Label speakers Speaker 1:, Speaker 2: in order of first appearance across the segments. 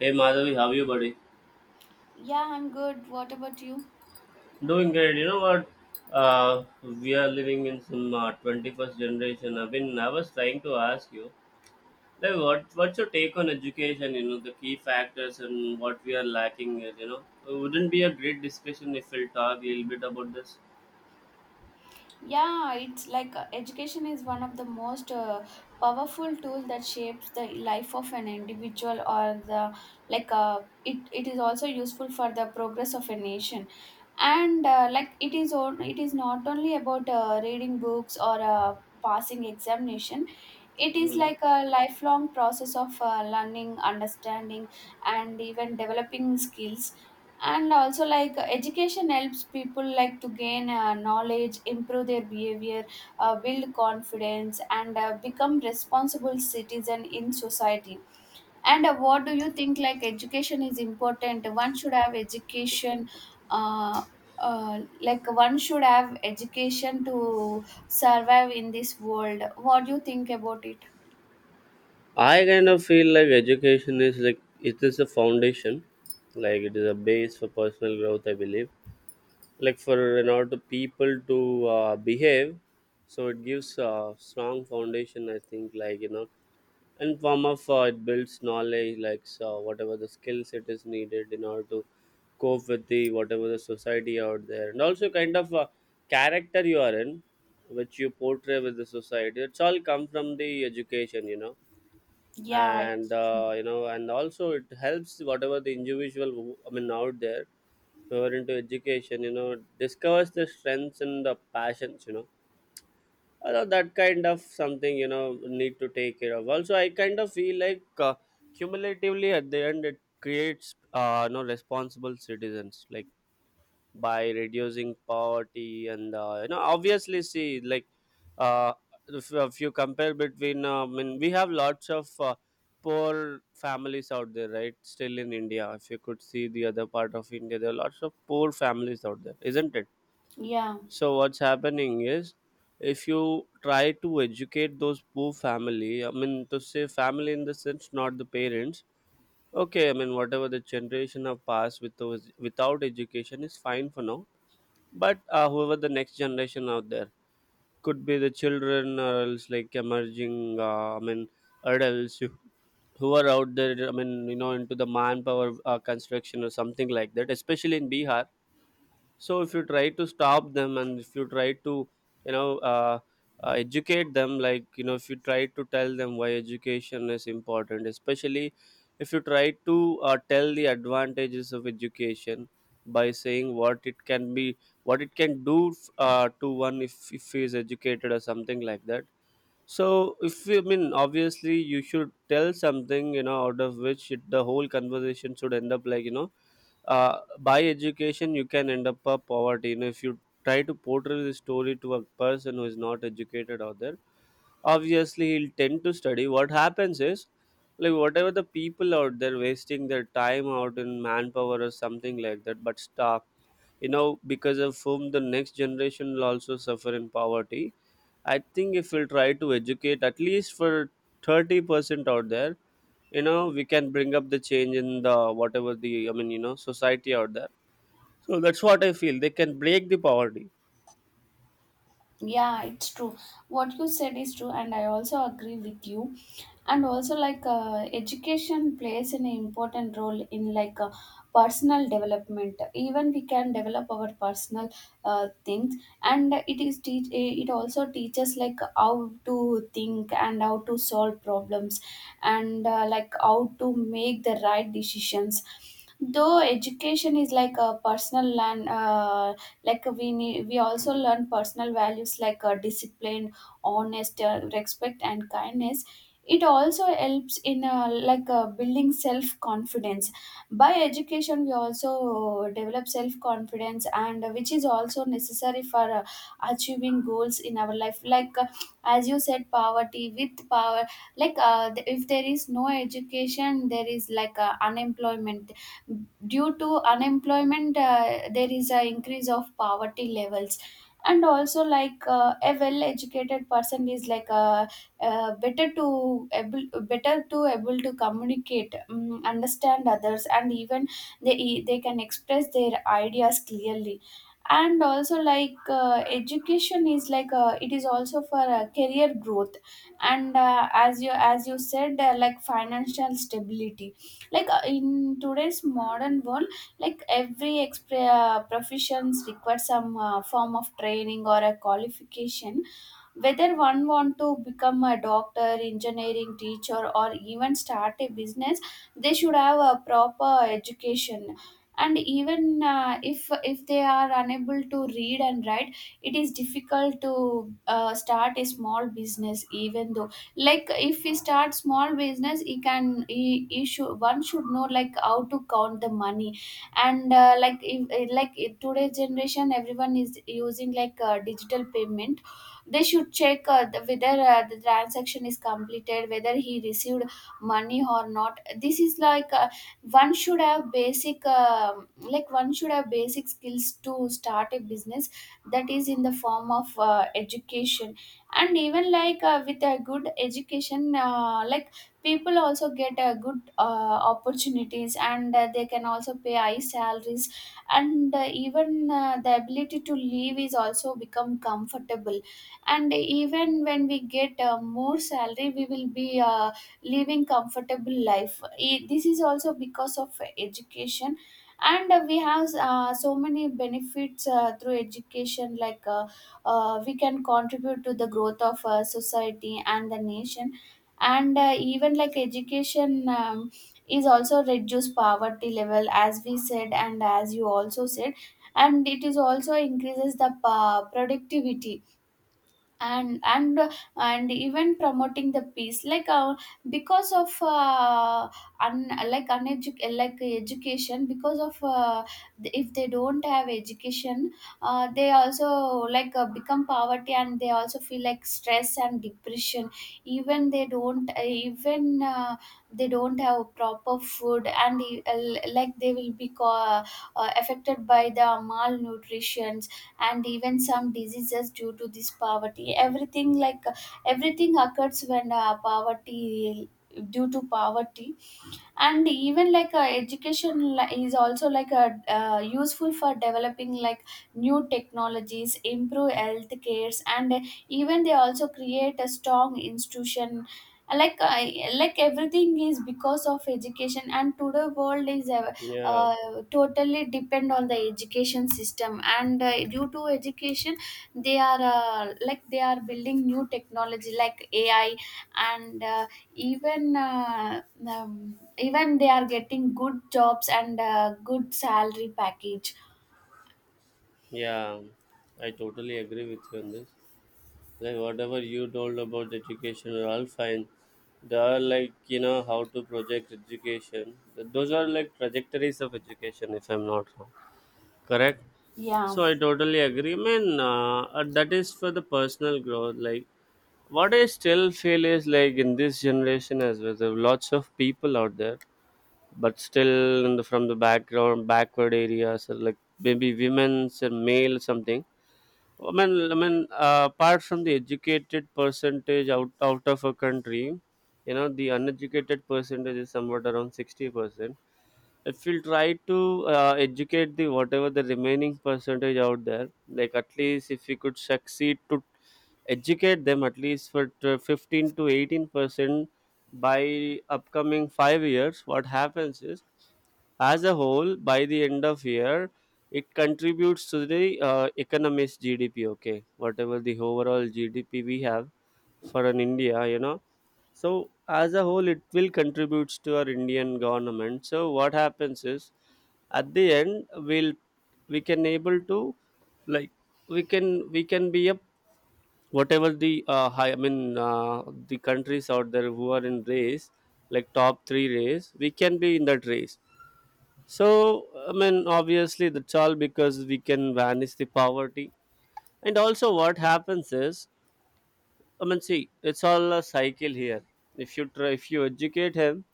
Speaker 1: Hey Madhavi, how are you, buddy?
Speaker 2: Yeah, I'm good. What about you?
Speaker 1: Doing great. You know what? Uh, we are living in some 21st generation. I mean, I was trying to ask you, like, what's your take on education? You know, the key factors and what we are lacking is, it wouldn't be a great discussion if we'll talk a little bit about this.
Speaker 2: Yeah, it's like education is one of the most powerful tool that shapes the life of an individual or the like it is also useful for the progress of a nation. And like it is it is not only about reading books or passing examination. It is
Speaker 1: Hmm.
Speaker 2: like a lifelong process of learning understanding and even developing skills. And also like education helps people like to gain knowledge improve their behavior, build confidence and become responsible citizen in society. And what do you think, like education is important, one should have education. uh, like one should have education to survive in this world. What do you think about it?
Speaker 1: I kind of feel like education is like it is a foundation, like it is a base for personal growth. I believe like for in order to people to behave, so it gives a strong foundation, I think, like, you know, and form of it builds knowledge, like so whatever the skill set is needed in order to cope with the whatever the society out there, and also kind of character you are in, which you portray with the society. It's all come from the education, you know,
Speaker 2: Yeah,
Speaker 1: and you know, and also it helps whatever the individual I mean out there, who are into education, you know, discovers the strengths and the passions, you know, although that kind of something, you know, need to take care of. Also I kind of feel like cumulatively at the end it creates no, responsible citizens, like by reducing poverty, and you know, obviously see, like uh, if you compare between I mean we have lots of poor families out there, right? Still in India, if you could see the other part of India, there are lots of poor families out there, isn't it?
Speaker 2: yeah,
Speaker 1: So what's happening is, if you try to educate those poor family, I mean to say family in the sense not the parents, okay, I mean whatever the generation have passed with those without education is fine for now, but whoever the next generation out there could be the children, or else like emerging I mean adults who are out there, I mean, you know, into the manpower, construction or something like that, especially in Bihar. So if you try to stop them and if you try to, you know, educate them, like, you know, if you try to tell them why education is important, especially if you try to tell the advantages of education by saying what it can be, what it can do to one, if he is educated or something like that. So, if you, I mean obviously, you should tell something, you know, out of which it, the whole conversation should end up, like, you know, by education you can end up a poverty. You know, if you try to portray the story to a person who is not educated out there, obviously he'll tend to study. What happens is, like whatever the people out there wasting their time out in manpower or something like that, but stuff, you know, because of whom the next generation will also suffer in poverty. I think if we'll try to educate at least for 30% out there, you know, we can bring up the change in the whatever the, I mean, you know, society out there. So that's what I feel, they can break the poverty.
Speaker 2: yeah, it's true. What you said is true, and I also agree with you. And also, like, education plays an important role in like personal development. Even we can develop our personal things, and it also teaches like how to think and how to solve problems, and like how to make the right decisions. Though education is like a personal learn like we also learn personal values like discipline, honest, respect and kindness. It also helps in like building self confidence. By education we also develop self confidence, and which is also necessary for achieving goals in our life. Like as you said, poverty with power. Like if there is no education there is like unemployment. Due to unemployment there is an increase of poverty levels. And also like a well educated person is like uh, better to able better to able to communicate, understand others, and even they can express their ideas clearly. And also like education is like it is also for career growth. And as you said like financial stability. Like in today's modern world like every professions requires some form of training or a qualification, whether one want to become a doctor, engineering teacher, or even start a business, they should have a proper education. And even if they are unable to read and write, it is difficult to start a small business. Even though like if we start small business, he can he should one should know like how to count the money. And like if, like in today's generation everyone is using like digital payment. They should check whether the transaction is completed, whether he received money or not. This is like one should have basic skills to start a business. That is in the form of education. And even like with a good education like people also get good opportunities, and they can also pay high salaries. And even the ability to live is also become comfortable. And even when we get more salary we will be living comfortable life. This is also because of education. And we have so many benefits through education. Like we can contribute to the growth of society and the nation. And even like education is also reduce poverty level as we said and as you also said. And it is also increases the productivity. And and and even promoting the peace. Like because of like like education. Because of if they don't have education, they also like become poverty, and they also feel like stress and depression. Even they don't even they don't have proper food. And uh, like they will be affected by the malnutrition. And even some diseases due to this poverty. Everything like everything occurs when poverty, due to poverty. And even like education is also like a useful for developing like new technologies, improve health cares, and even they also create a strong institution. Like like everything is because of education. And today world is
Speaker 1: Yeah,
Speaker 2: uh, totally depend on the education system. And due to education they are like they are building new technology like AI. And even even they are getting good jobs and good salary package.
Speaker 1: yeah, I totally agree with you on this, like whatever you told about education are all fine. They are like, you know, how to project education. Those are like trajectories of education, if I'm not wrong. Correct.
Speaker 2: Yeah,
Speaker 1: So I totally agree, man, that is for the personal growth. Like, what I still feel is like in this generation as well, there are lots of people out there, but still in the, from the background, backward areas, or like maybe women's and male something. I mean, apart from the educated percentage out of a country, you know, the uneducated percentage is somewhat around 60%. If we'll try to educate the whatever the remaining percentage out there, like at least if we could succeed to educate them at least for 15 to 18% by upcoming 5 years. What happens is, as a whole by the end of year, it contributes to the economy's GDP. Okay, whatever the overall GDP we have for an India, you know. So as a whole, it will contributes to our Indian government. So what happens is, at the end, we'll we can able to, like, we can be a whatever the high, I mean the countries out there who are in race, like top three race, we can be in that race. So I mean obviously that's all because we can vanish the poverty. And also what happens is, I mean, see, it's all a cycle here. If you try, if you educate him,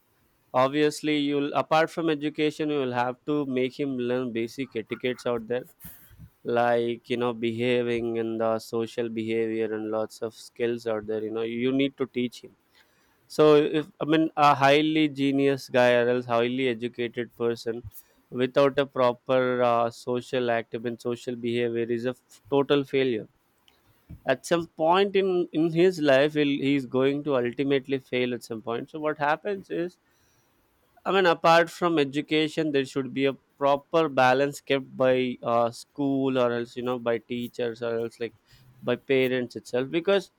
Speaker 1: obviously you'll, apart from education, you will have to make him learn basic etiquettes out there, like, you know, behaving and the social behavior and lots of skills out there. You know, you need to teach him. So, if I mean, a highly genius guy or else highly educated person without a proper social active and social behavior is a total failure at some point in his life, he'll, he's going to ultimately fail at some point. So what happens is, I mean apart from education there should be a proper balance kept by school, or else, you know, by teachers or else like by parents itself, because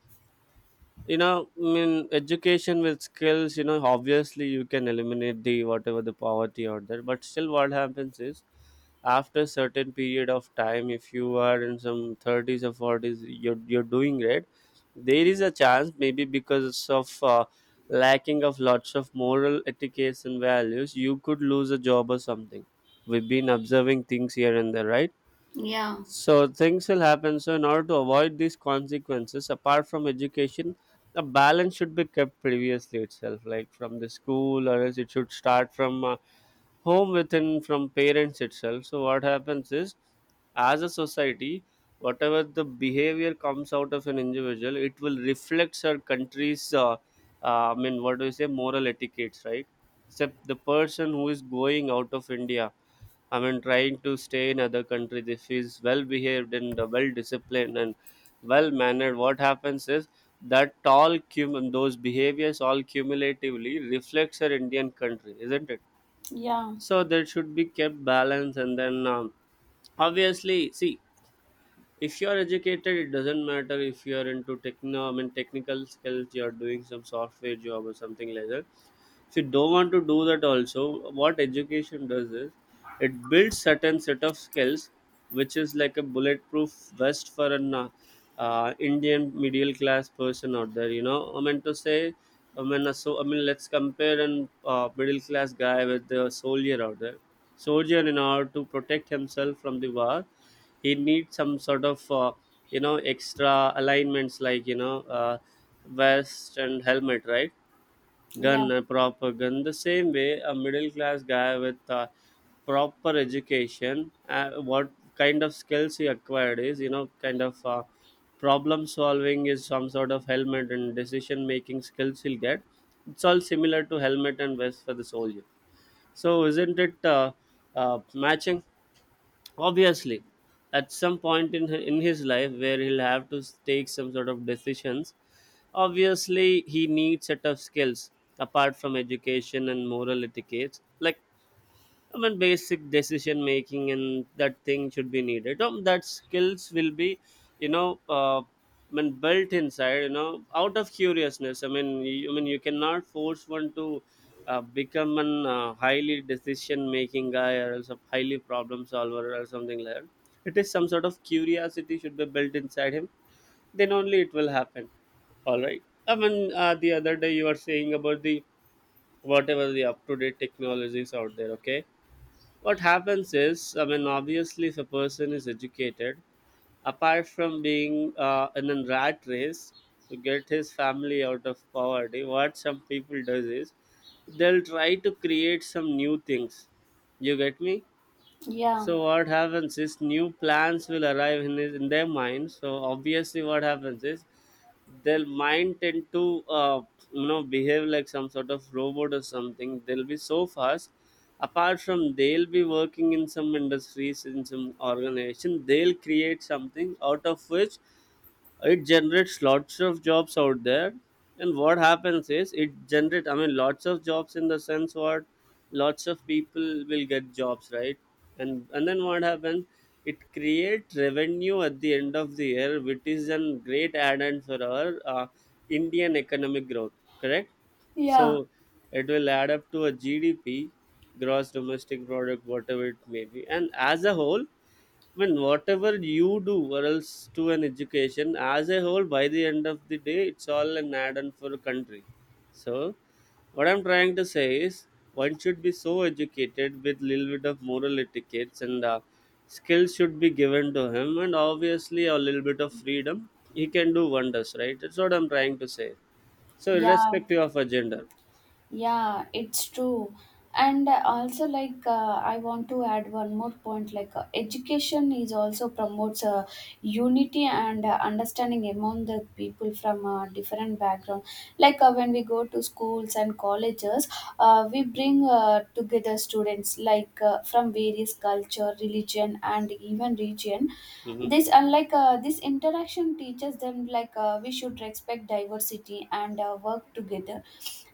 Speaker 1: you know, I mean education with skills, you know, obviously you can eliminate the whatever the poverty out there, but still what happens is, after certain period of time if you are in some 30s or 40s, you're doing great. There is a chance maybe because of lacking of lots of moral etiquettes and values you could lose a job or something. We've been observing things here and there, right?
Speaker 2: yeah,
Speaker 1: So things will happen. So in order to avoid these consequences, apart from education, a balance should be kept previously itself, like from the school, or else it should start from home within, from parents itself. So what happens is, as a society, whatever the behavior comes out of an individual, it will reflect our country's, I mean, what do you say, moral etiquettes, right? Except the person who is going out of India, I mean, trying to stay in other countries. If he's well behaved and well disciplined and well mannered, what happens is that all those behaviors all cumulatively reflects our Indian country, isn't it?
Speaker 2: yeah,
Speaker 1: So there should be kept balance, and then obviously, see, if you are educated, it doesn't matter if you are into techno, I mean, technical skills, you are doing some software job or something like that. If you don't want to do that also, what education does is, it builds certain set of skills which is like a bulletproof vest for an Indian middle class person out there, you know, I mean to say, I mean so I mean let's compare an middle class guy with the soldier out there. Soldier in order to protect himself from the war he needs some sort of you know extra alignments, like, you know, vest and helmet, right?
Speaker 2: yeah,
Speaker 1: Gun and proper gun. The same way a middle class guy with a proper education, what kind of skills he acquired is, you know, kind of problem solving is some sort of helmet, and decision making skills he'll get. It's all similar to helmet and vest for the soldier. So isn't it matching? Obviously at some point in his life where he'll have to take some sort of decisions, obviously he needs set of skills, apart from education and moral etiquette, like I mean, basic decision making and that thing should be needed. That skills will be, I mean, built inside. You know, out of curiousness. I mean, you cannot force one to become an highly decision making guy or else a highly problem solver or something like that. It is some sort of curiosity should be built inside him. Then only it will happen. All right. I mean, the other day you were saying about the whatever the up to date technologies out there. Okay, what happens is, I mean obviously if a person is educated, apart from being in a rat race to get his family out of poverty, what some people does is they'll try to create some new things. You get me?
Speaker 2: yeah,
Speaker 1: So what happens is new plans will arrive in, his, in their mind. So obviously, what happens is their mind tend to you know behave like some sort of robot or something. They'll be so fast. Apart from they'll be working in some industries in some organization, they'll create something out of which it generates lots of jobs out there. And what happens is it generate, I mean, lots of jobs in the sense what lots of people will get jobs, right? And then what happens, it creates revenue at the end of the year, which is a great add-on for our Indian economic growth, correct? So
Speaker 2: yeah,
Speaker 1: it will add up to a GDP, gross domestic product, whatever it may be. And as a whole, when whatever you do or else to an education as a whole, by the end of the day it's all an add-on for a country. So what I'm trying to say is, one should be so educated with little bit of moral etiquettes and skills should be given to him, and obviously a little bit of freedom, he can do wonders, right? That's what I'm trying to say. So
Speaker 2: yeah.
Speaker 1: irrespective of a gender.
Speaker 2: Yeah, it's true. And also, like, I want to add one more point. Like, education is also promotes unity and understanding among the people from different background. Like, when we go to schools and colleges, we bring together students like from various culture, religion, and even region.
Speaker 1: Mhm.
Speaker 2: This interaction teaches them like we should respect diversity and work together.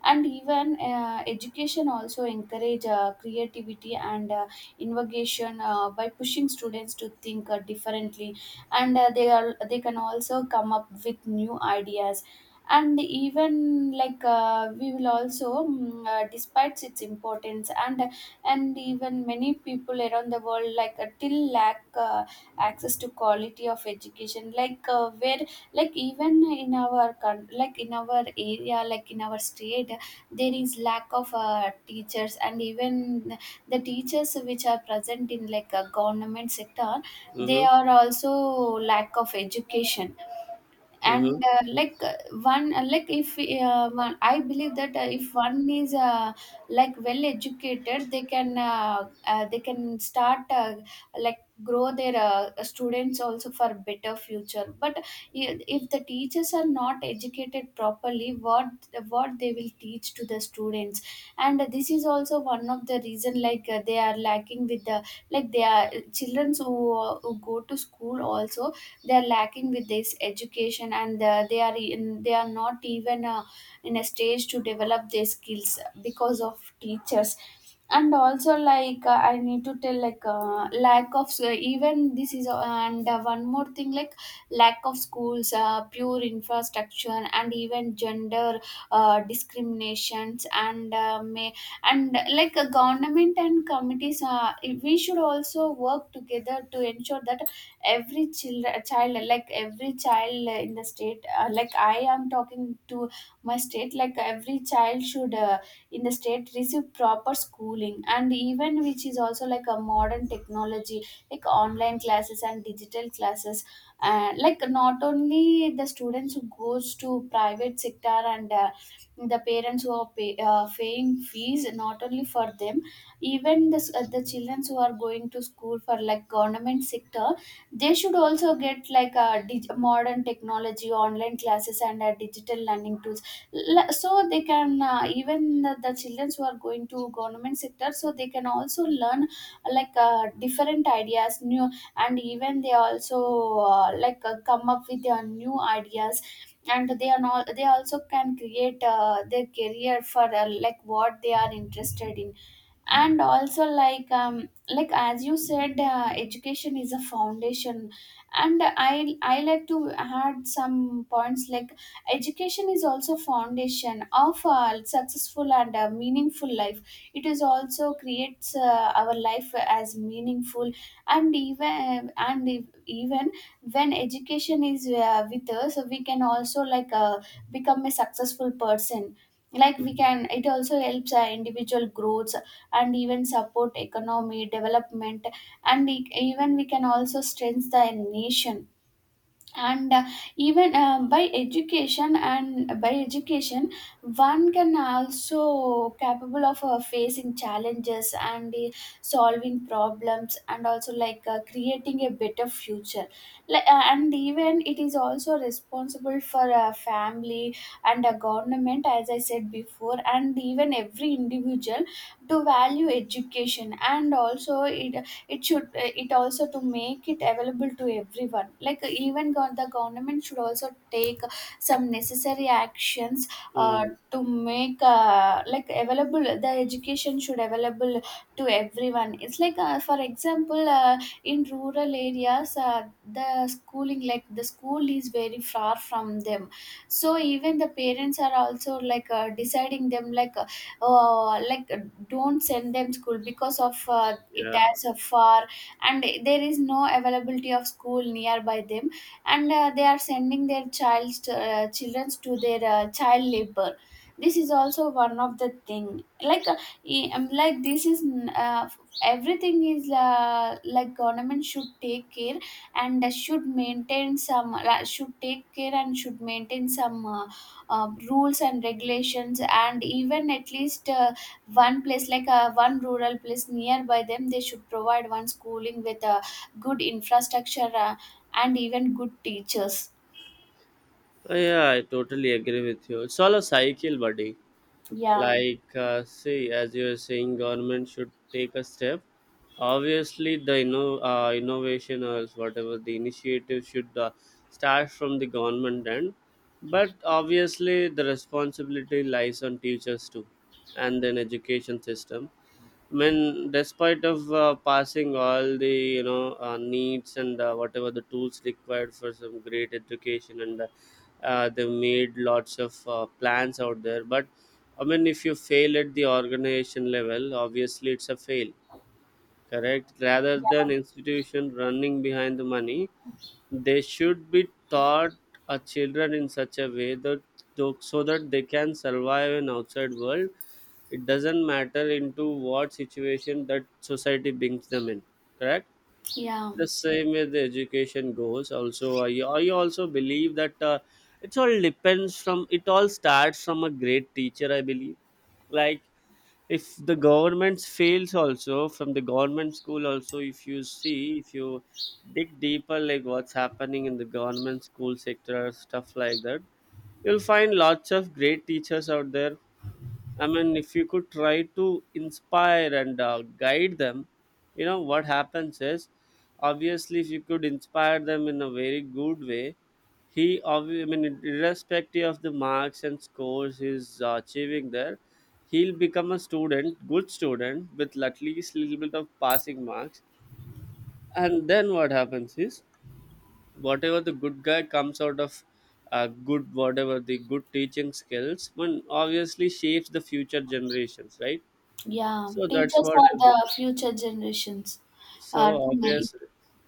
Speaker 2: And even education also encourage creativity and innovation, by pushing students to think differently. And they can also come up with new ideas. And even like we will also despite its importance. And even many people around the world like till lack access to quality of education. Like where like even in our like in our area, like in our state, there is lack of teachers. And even the teachers which are present in like a government sector, they
Speaker 1: Mhm.
Speaker 2: are also lack of education.
Speaker 1: Mhm.
Speaker 2: And like one like if one, I believe that if one is like well educated, they can start like grow their students also for better future. But if the teachers are not educated properly, what they will teach to the students. And this is also one of the reason, like they are lacking with the like they are children who go to school also, they are lacking with this education. And they are not even in a stage to develop their skills because of teachers. And also like I need to tell, like lack of even this is and one more thing like lack of schools, pure infrastructure, and even gender discriminations, and may, and like government and committees, we should also work together to ensure that every child in the state, like I am talking to my state, like every child should in the state receive proper schooling. And even which is also like a modern technology, like online classes and digital classes. And like not only the students who goes to private sector and the parents who are paying fees, not only for them. Even the children who are going to school for like government sector, they should also get like a modern technology, online classes and digital learning tools. So they can even the children who are going to government sector, so they can also learn like different ideas new. And even they also like come up with their new ideas. And they are not, they also can create their career for like what they are interested in. And also like as you said education is a foundation. And I like to add some points. Like education is also foundation of a successful and a meaningful life. It is also creates our life as meaningful. And even and if, even when education is with us, we can also like become a successful person. Like we can it also helps our individual growth and even support economy development. And even we can also strengthen the nation. And even by education, one can also capable of facing challenges and solving problems, and also like creating a better future. Like, and even it is also responsible for a family and a government, as I said before. And even every individual to value education. And also it should it also to make it available to everyone. Like even the government should also take some necessary actions, uh,
Speaker 1: Mm.
Speaker 2: to make like available, the education should available to everyone. It's like for example in rural areas the school is very far from them. So even the parents are also like deciding them, like don't send them school because of it
Speaker 1: Yeah.
Speaker 2: has a far. And there is no availability of school nearby them. And they are sending their children's to their Child labor, this is also one of the thing e- um, like this is n- uh, everything is like government should take care and should maintain some should take care and should maintain some rules and regulations, and even at least one rural place nearby them, they should provide one schooling with a good infrastructure and even good teachers.
Speaker 1: Oh, yeah, I totally agree with you. It's all a cycle, buddy.
Speaker 2: yeah
Speaker 1: Like, see, as you are saying, government should take a step. Obviously the innovation or else whatever the initiative should start from the government end, but obviously the responsibility lies on teachers too, and then education system. I mean, despite of passing all the needs and whatever the tools required for some great education, and they made lots of plans out there. But I mean, if you fail at the organization level, obviously it's a fail, correct? Rather
Speaker 2: yeah
Speaker 1: than institution running behind the money, they should be taught our children in such a way that so that they can survive in outside world. It doesn't matter into what situation that society brings them in, correct?
Speaker 2: yeah
Speaker 1: The same way the education goes. Also, I also believe that it all depends from it all starts from a great teacher. I believe, like, if the government fails also, from the government school also, if you see, if you dig deeper, like what's happening in the government school sector, stuff like that, you'll find lots of great teachers out there. I mean, if you could try to inspire and guide them, you know, what happens is, obviously if you could inspire them in a very good way, I mean, irrespective of the marks and scores he's achieving there, he'll become a student, good student, with at least little bit of passing marks. And then what happens is, whatever the good guy comes out of good, whatever the good teaching skills, one obviously shapes the future generations, right?
Speaker 2: yeah
Speaker 1: So that's
Speaker 2: Teachers
Speaker 1: what
Speaker 2: are
Speaker 1: I do.
Speaker 2: the future generations,
Speaker 1: So
Speaker 2: to me.
Speaker 1: obvious.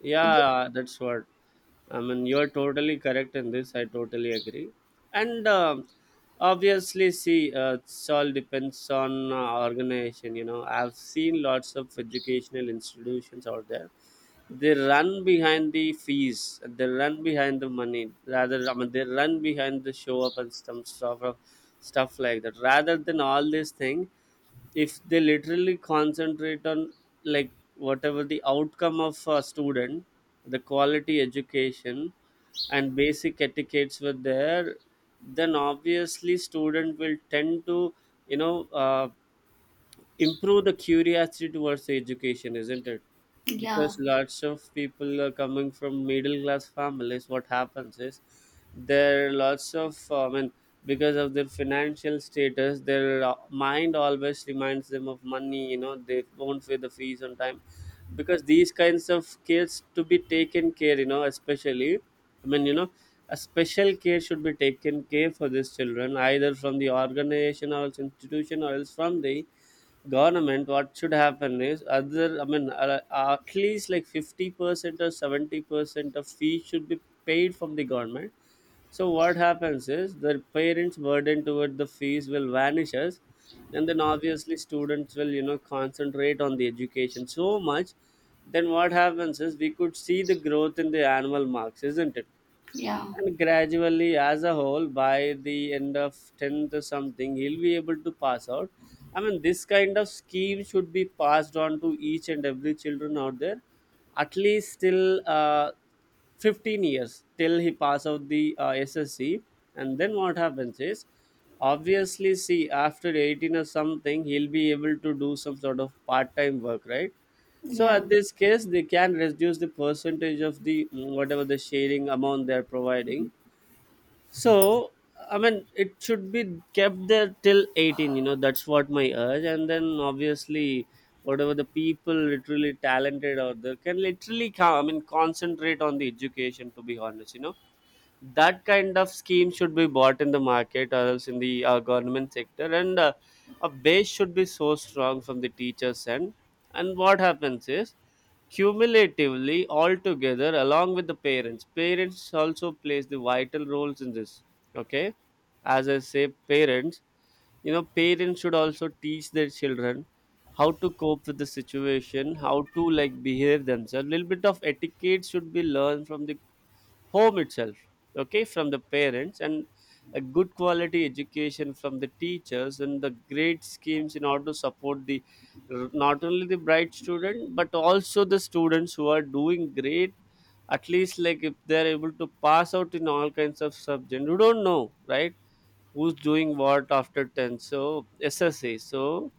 Speaker 1: Yeah, that's what. I mean, you're totally correct in this. I totally agree. And obviously, see, it's all depends on organization. You know, I've seen lots of educational institutions out there. They run behind the fees. They run behind the money. Rather, I mean, they run behind the show up and some stuff, of stuff like that. Rather than all these things, if they literally concentrate on, like, whatever the outcome of a student, the quality education, and basic etiquettes were there, then obviously student will tend to, you know uh, improve the curiosity towards education, isn't it?
Speaker 2: yeah
Speaker 1: Because lots of people are coming from middle class families. What happens is, there are lots of, I mean, because of their financial status, their mind always reminds them of money. You know, they won't pay the fees on time. Because these kinds of kids to be taken care, you know, especially, I mean, you know, a special care should be taken care for these children either from the organization or else institution or else from the government. What should happen is, other I mean at least like 50% or 70% of fees should be paid from the government. So what happens is, the parents burden toward the fees will vanishes, and then obviously students will, you know, concentrate on the education so much. Then what happens is, we could see the growth in the annual marks, isn't it?
Speaker 2: yeah
Speaker 1: And gradually, as a whole, by the end of 10th or something, he'll be able to pass out. I mean, this kind of scheme should be passed on to each and every children out there, at least till 15 years, till he pass out the SSC. And then what happens is, obviously, see, after 18 or something, he'll be able to do some sort of part-time work, right? So
Speaker 2: yeah
Speaker 1: at this case, they can reduce the percentage of the whatever the sharing amount they're providing. So, I mean, it should be kept there till 18, you know, that's what my urge. And then obviously, whatever the people literally talented out there can literally come, I mean, concentrate on the education, to be honest, you know. That kind of scheme should be bought in the market or else in the government sector, and a base should be so strong from the teachers end. And what happens is, cumulatively all together along with the parents, also plays the vital roles in this, okay? As I say parents, you know, parents should also teach their children how to cope with the situation, how to, like, behave themselves, little bit of etiquette should be learned from the home itself, okay? From the parents, and a good quality education from the teachers, and the great schemes in order to support the not only the bright student but also the students who are doing great. At least like, if they're able to pass out in all kinds of subjects, you don't know right who's doing what after 10. So SSA, so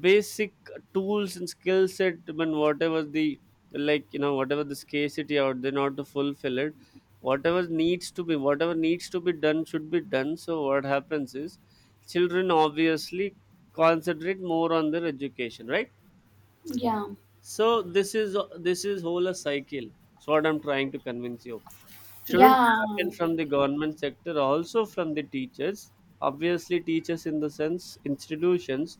Speaker 1: basic tools and skill set. I, whatever the, like, you know, whatever the scarcity out there, not to fulfill it, whatever needs to be, whatever needs to be done should be done. So what happens is, children obviously concentrate more on their education, right?
Speaker 2: yeah
Speaker 1: So this is, this is whole a cycle. So what I'm trying to convince you, shouldn't
Speaker 2: yeah
Speaker 1: happen from the government sector, also from the teachers. Obviously, teachers in the sense institutions,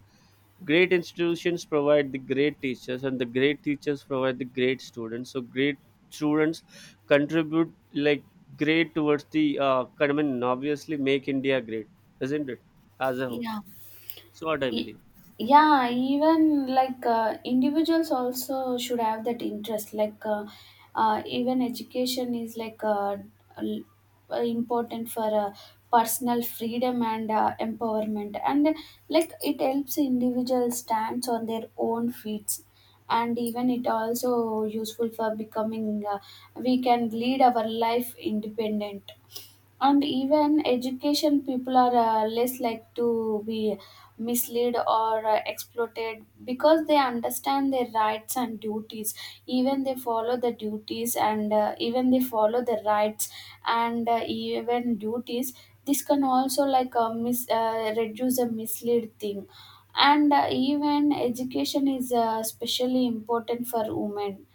Speaker 1: great institutions provide the great teachers, and the great teachers provide the great students. So great students contribute like great towards the common. Obviously, make India great, isn't it? As a whole,
Speaker 2: yeah
Speaker 1: so what I
Speaker 2: Y-
Speaker 1: believe.
Speaker 2: yeah Even individuals also should have that interest, even education is l- important for personal freedom and empowerment, and like it helps individuals stands on their own feet, and even it also useful for becoming we can lead our life independent. And even education people are less like to be misled or exploited because they understand their rights and duties. Even they follow the duties and even they follow the rights and even duties. This can also reduce a mislead thing. And even education is especially important for women,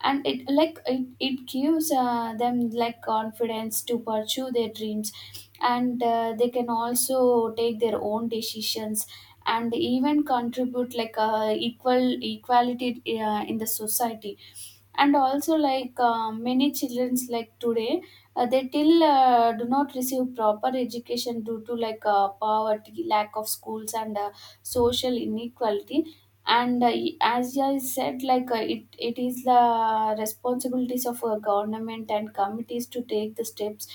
Speaker 2: and it gives them like confidence to pursue their dreams, and they can also take their own decisions and even contribute like equality in the society. And also many childrens like today, they till do not receive proper education due to poverty, lack of schools, and social inequality. And as I said it is the responsibilities of a government and committees to take the steps.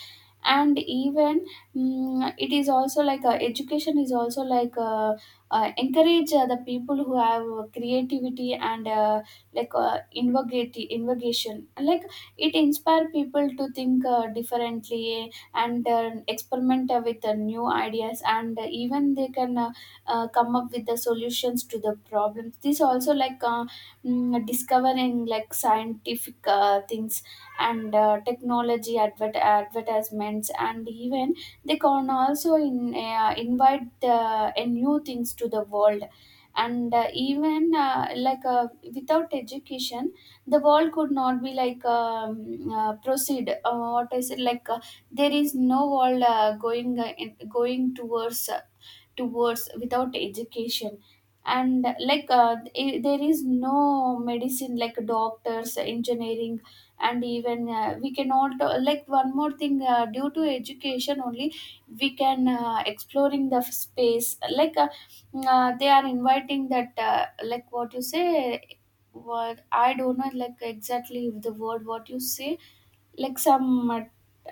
Speaker 2: And even, it is also education is also encourage the people who have creativity and invocation, like it inspire people to think differently and experiment with new ideas, and even they can come up with the solutions to the problems. This also discovering like scientific things and advertisements. And even they can also invite a new things to the world. And even like Without education, the world could not be like proceed, what I said, there is no world going going towards towards without education. And there is no medicine, like doctors, engineering. And even we cannot like one more thing, due to education only we can exploring the space. like uh, they are inviting that, like what you say what I don't know like exactly the word what you say, like some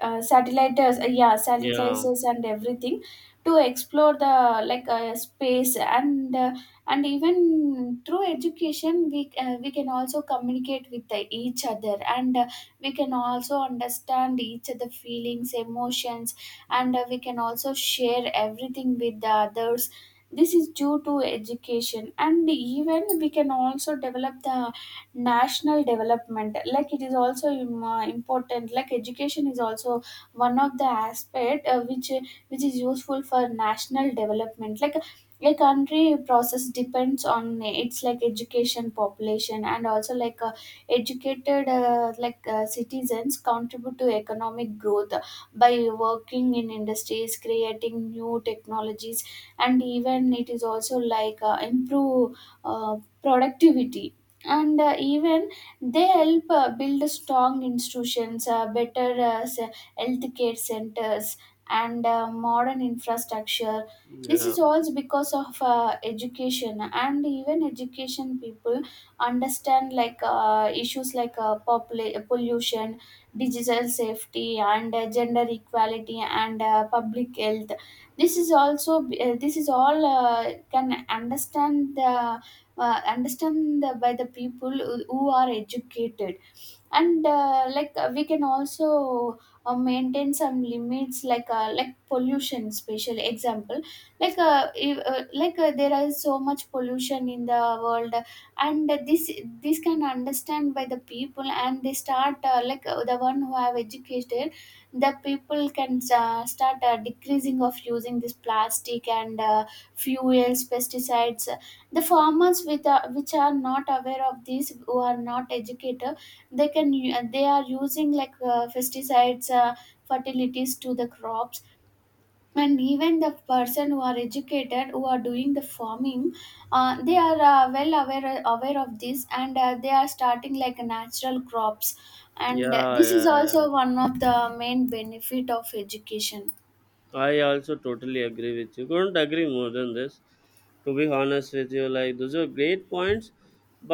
Speaker 2: satellite, yeah, satellites
Speaker 1: Yeah,
Speaker 2: and everything to explore the space. And and even through education we can also communicate with each other, and we can also understand each other feelings, emotions, and we can also share everything with the others. This is due to education. And even we can also develop the national development, like it is also important. Like education is also one of the aspect which which is useful for national development. Like a country process depends on its like education population, and also educated citizens contribute to economic growth by working in industries, creating new technologies. And even it is also improve uh, productivity. And even they help build strong institutions, better health care centers, and modern infrastructure. This
Speaker 1: yeah,
Speaker 2: is also because of education. And even education people understand issues like pollution, digital safety, and gender equality, and public health. This is also, this is all can understand the, understand the, by the people who are educated. And like We can also maintain some limits like pollution, special example, like if, like there is so much pollution in the world, and this can understand by the people, and they start the one who have educated the people can start decreasing of using this plastic and fuels, pesticides. The farmers with which are not aware of this, who are not educated, they are using like pesticides, fertilities to the crops. And even the person who are educated, who are doing the farming, they are well aware of this, and they are starting like natural crops. And
Speaker 1: yeah,
Speaker 2: this is
Speaker 1: yeah. yeah.
Speaker 2: also one of the main benefit of education.
Speaker 1: I also totally agree with you. Couldn't agree more than this. To be honest with you, like those are great points.